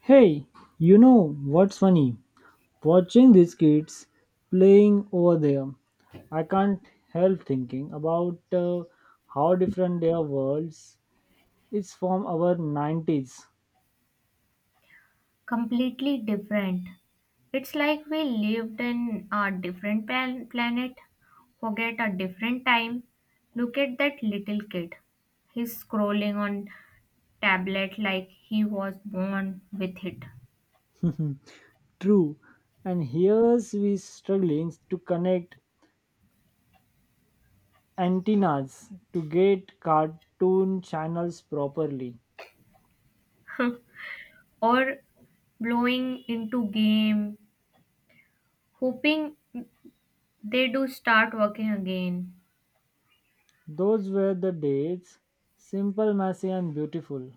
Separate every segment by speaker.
Speaker 1: Hey, you know what's funny? Watching these kids playing over there, I can't help thinking about how different their worlds is from our 90s.
Speaker 2: Completely different. It's like we lived in a different planet, forget a different time. Look at that little kid. He's scrolling on tablet like he was born with it.
Speaker 1: True, and here's we struggling to connect antennas to get cartoon channels properly.
Speaker 2: Or blowing into game, hoping they do start working again.
Speaker 1: Those were the days, simple, messy, and beautiful.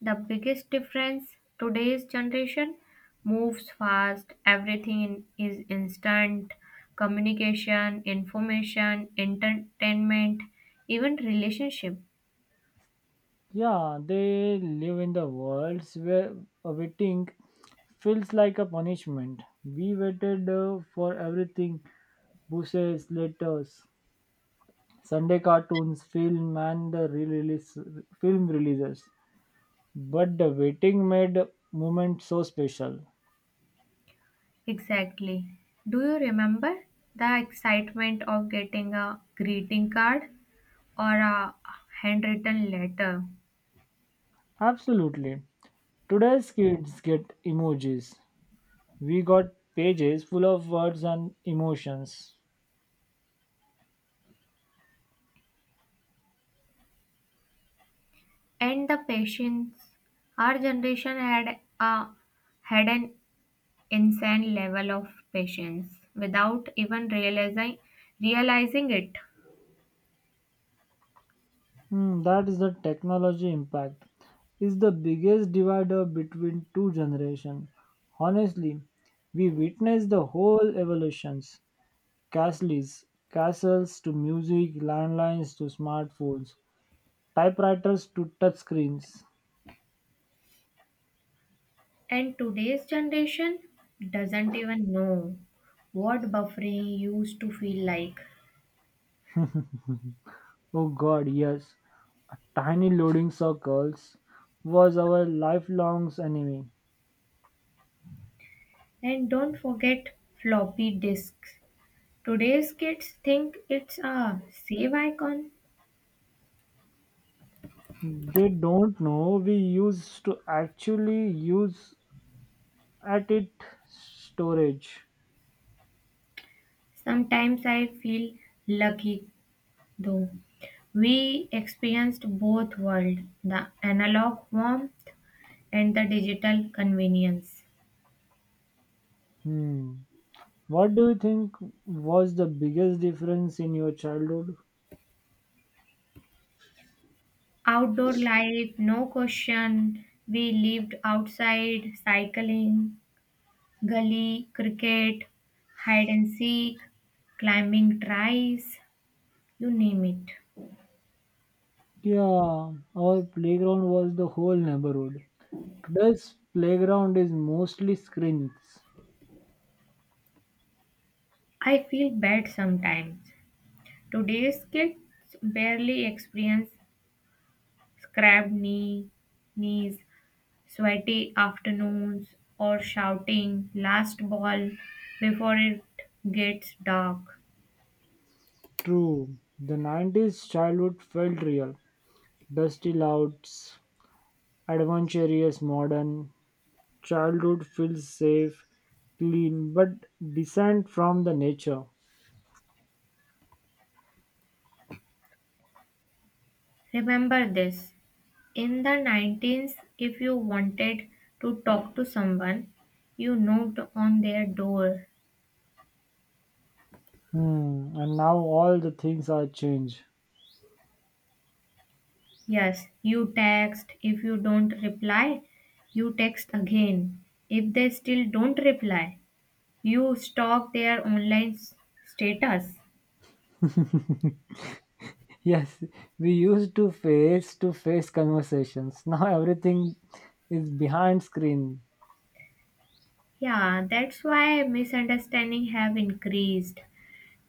Speaker 2: The biggest difference today's generation moves fast, everything is instant communication, information, entertainment, even relationship.
Speaker 1: Yeah, they live in the worlds where waiting feels like a punishment. We waited for everything, buses, letters, Sunday cartoons, film, and the release, film releases. But the waiting made moment so special.
Speaker 2: Exactly. Do you remember the excitement of getting a greeting card or a handwritten letter?
Speaker 1: Absolutely. Today's kids get emojis. We got pages full of words and emotions.
Speaker 2: And the patience our generation had an insane level of patience without even realizing it.
Speaker 1: Hmm, that is the technology impact is the biggest divider between two generations. Honestly, we witnessed the whole evolutions. Castles, castles to music, landlines to smartphones, typewriters to touchscreens.
Speaker 2: And today's generation doesn't even know what buffering used to feel like.
Speaker 1: Oh god, yes. Tiny loading circles was our lifelong enemy.
Speaker 2: And don't forget floppy disks, today's kids think it's a save icon.
Speaker 1: They don't know we used to actually use at it storage.
Speaker 2: Sometimes I feel lucky though, we experienced both worlds, the analog warmth and the digital convenience.
Speaker 1: Hmm. What do you think was the biggest difference in your childhood?
Speaker 2: Outdoor life, no question. We lived outside, cycling, gully, cricket, hide and seek, climbing tries, you name it.
Speaker 1: Yeah, our playground was the whole neighborhood. Today's playground is mostly screens.
Speaker 2: I feel bad sometimes. Today's kids barely experience scrapped knees, sweaty afternoons, or shouting last ball before it gets dark.
Speaker 1: True, the 90s childhood felt real. Dusty louds, adventurous, modern. Childhood feels safe, clean, but distant from the nature.
Speaker 2: Remember this. In the 19s, if you wanted to talk to someone, you knocked on their door.
Speaker 1: Hmm. And now all the things are changed.
Speaker 2: Yes, you text. If you don't reply, you text again. If they still don't reply, you stalk their online status.
Speaker 1: Yes, we used to face conversations. Now everything is behind screen.
Speaker 2: Yeah, that's why misunderstanding have increased.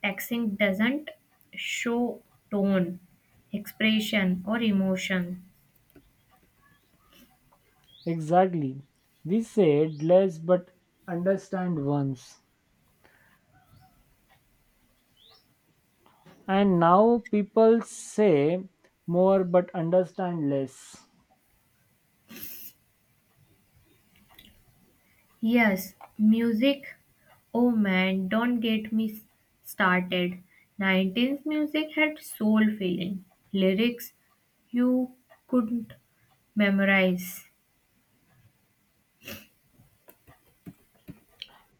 Speaker 2: Texting doesn't show tone, expression or emotion.
Speaker 1: Exactly. We said less but understand once. And now people say more but understand less.
Speaker 2: Yes, music. Oh man, don't get me started. 19th music had soul feeling. Lyrics you couldn't memorize.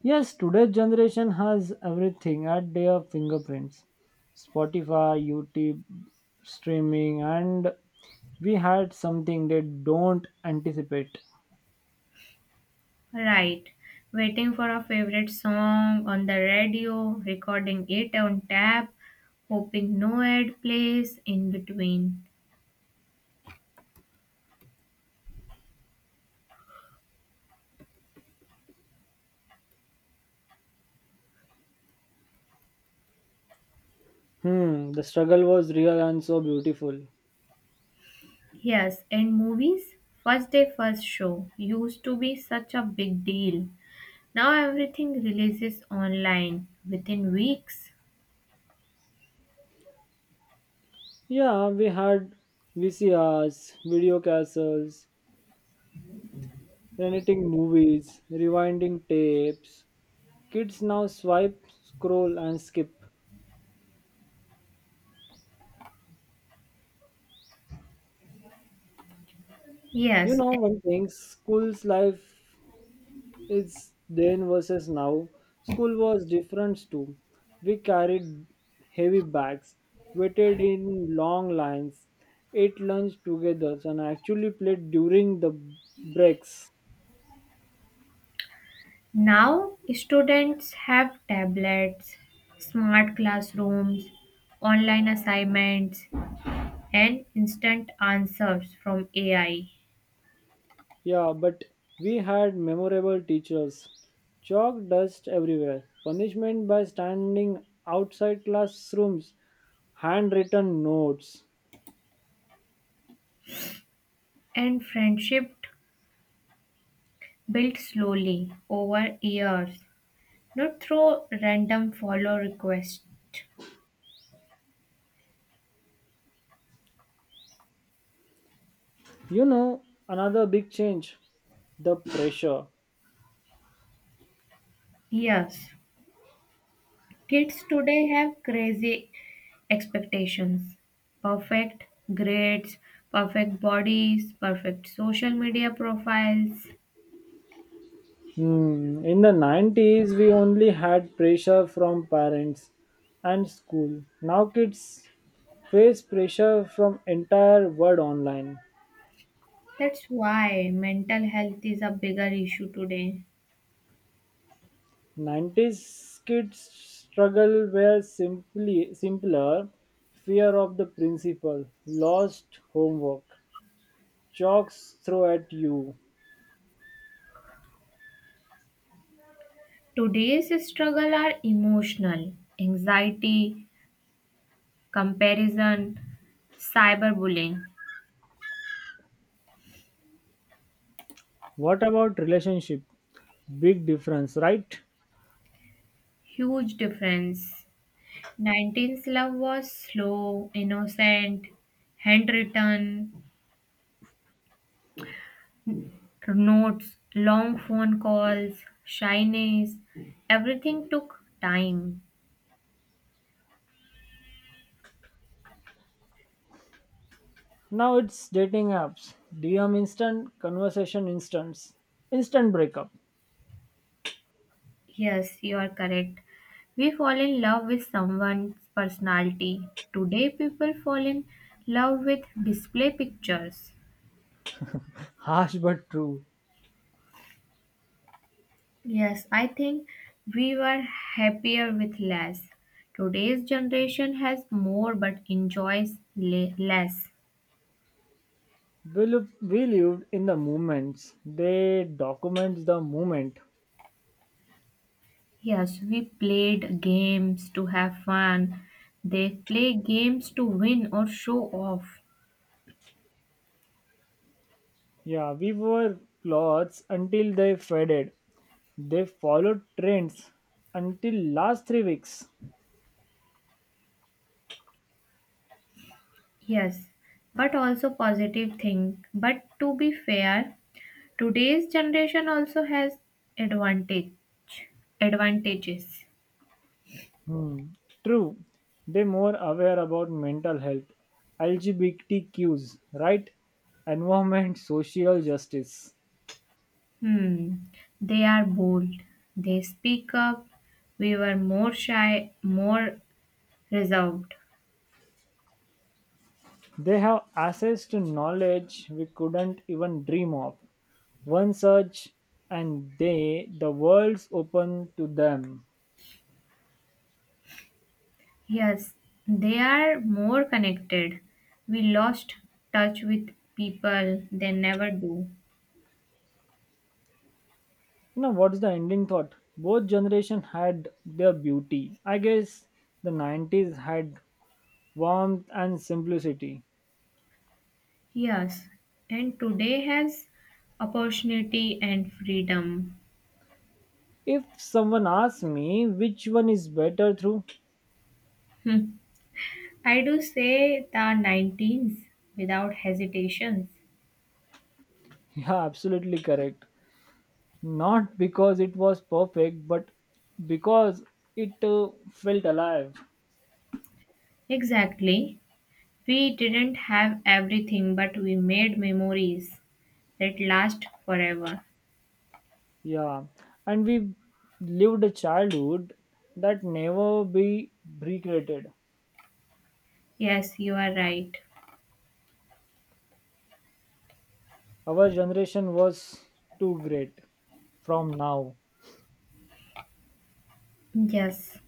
Speaker 1: Yes, today's generation has everything at their fingerprints. Spotify, YouTube, streaming, and we had something they don't anticipate.
Speaker 2: Right. Waiting for a favorite song on the radio, recording it on tap, hoping no ad plays in between.
Speaker 1: Hmm, the struggle was real and so beautiful.
Speaker 2: Yes, and movies? First day, first show used to be such a big deal. Now everything releases online within weeks.
Speaker 1: Yeah, we had VCRs, video castles, renting movies, rewinding tapes. Kids now swipe, scroll, and skip. You
Speaker 2: Yes,
Speaker 1: know
Speaker 2: and
Speaker 1: one thing, school's life is then versus now. School was different too. We carried heavy bags, waited in long lines, ate lunch together, and actually played during the breaks.
Speaker 2: now students have tablets, smart classrooms, online assignments, and instant answers from AI.
Speaker 1: Yeah, but we had memorable teachers. Chalk dust everywhere, punishment by standing outside classrooms, handwritten notes.
Speaker 2: And friendship built slowly over years, not through random follow requests.
Speaker 1: You know, another big change the pressure.
Speaker 2: Yes, kids today have crazy expectations, perfect grades, perfect bodies, perfect social media profiles.
Speaker 1: Hmm. In the 90s, we only had pressure from parents and school. Now kids face pressure from entire world online.
Speaker 2: That's why mental health is a bigger issue today.
Speaker 1: 90s kids struggle were simply simpler fear of the principal lost homework chalks throw at you,
Speaker 2: Today's struggle are emotional, anxiety, comparison, cyberbullying.
Speaker 1: what about relationship, big difference, right?
Speaker 2: Huge difference. 19th love was slow, innocent, handwritten, notes, long phone calls, shyness, everything took time.
Speaker 1: Now it's dating apps, dm instant conversation, instants, instant breakup.
Speaker 2: Yes, you are correct. We fall in love with someone's personality. Today, people fall in love with display pictures.
Speaker 1: Harsh but true.
Speaker 2: Yes, I think we were happier with less. Today's generation has more but enjoys less.
Speaker 1: We lived in the moments, they document the moment.
Speaker 2: Yes, we played games to have fun. They play games to win or show off.
Speaker 1: Yeah, we wore clothes until they faded. They followed trends until last three weeks.
Speaker 2: Yes, but also positive thing. But to be fair, today's generation also has advantage advantages.
Speaker 1: Hmm. True, they more aware about mental health, LGBTQs, right? Environment, social justice.
Speaker 2: Hmm. They are bold. They speak up. We were more shy, more reserved.
Speaker 1: They have access to knowledge we couldn't even dream of. One search and they the world's open to them.
Speaker 2: Yes, they are more connected. We lost touch with people they never do.
Speaker 1: You know what's the ending thought? Both generation had their beauty. I guess the 90s had warmth and simplicity.
Speaker 2: Yes, and today has opportunity and freedom.
Speaker 1: If someone asks me which one is better through,
Speaker 2: Hmm. I do say the 19s without hesitations.
Speaker 1: yeah, absolutely correct. Not because it was perfect, but because it felt alive.
Speaker 2: Exactly. We didn't have everything, but we made memories that last forever.
Speaker 1: Yeah, and we lived a childhood that never be recreated.
Speaker 2: Yes, you are right.
Speaker 1: Our generation was too great from now.
Speaker 2: Yes.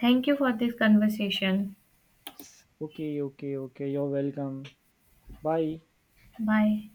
Speaker 2: Thank you for this conversation.
Speaker 1: Okay. You're welcome. Bye.
Speaker 2: Bye.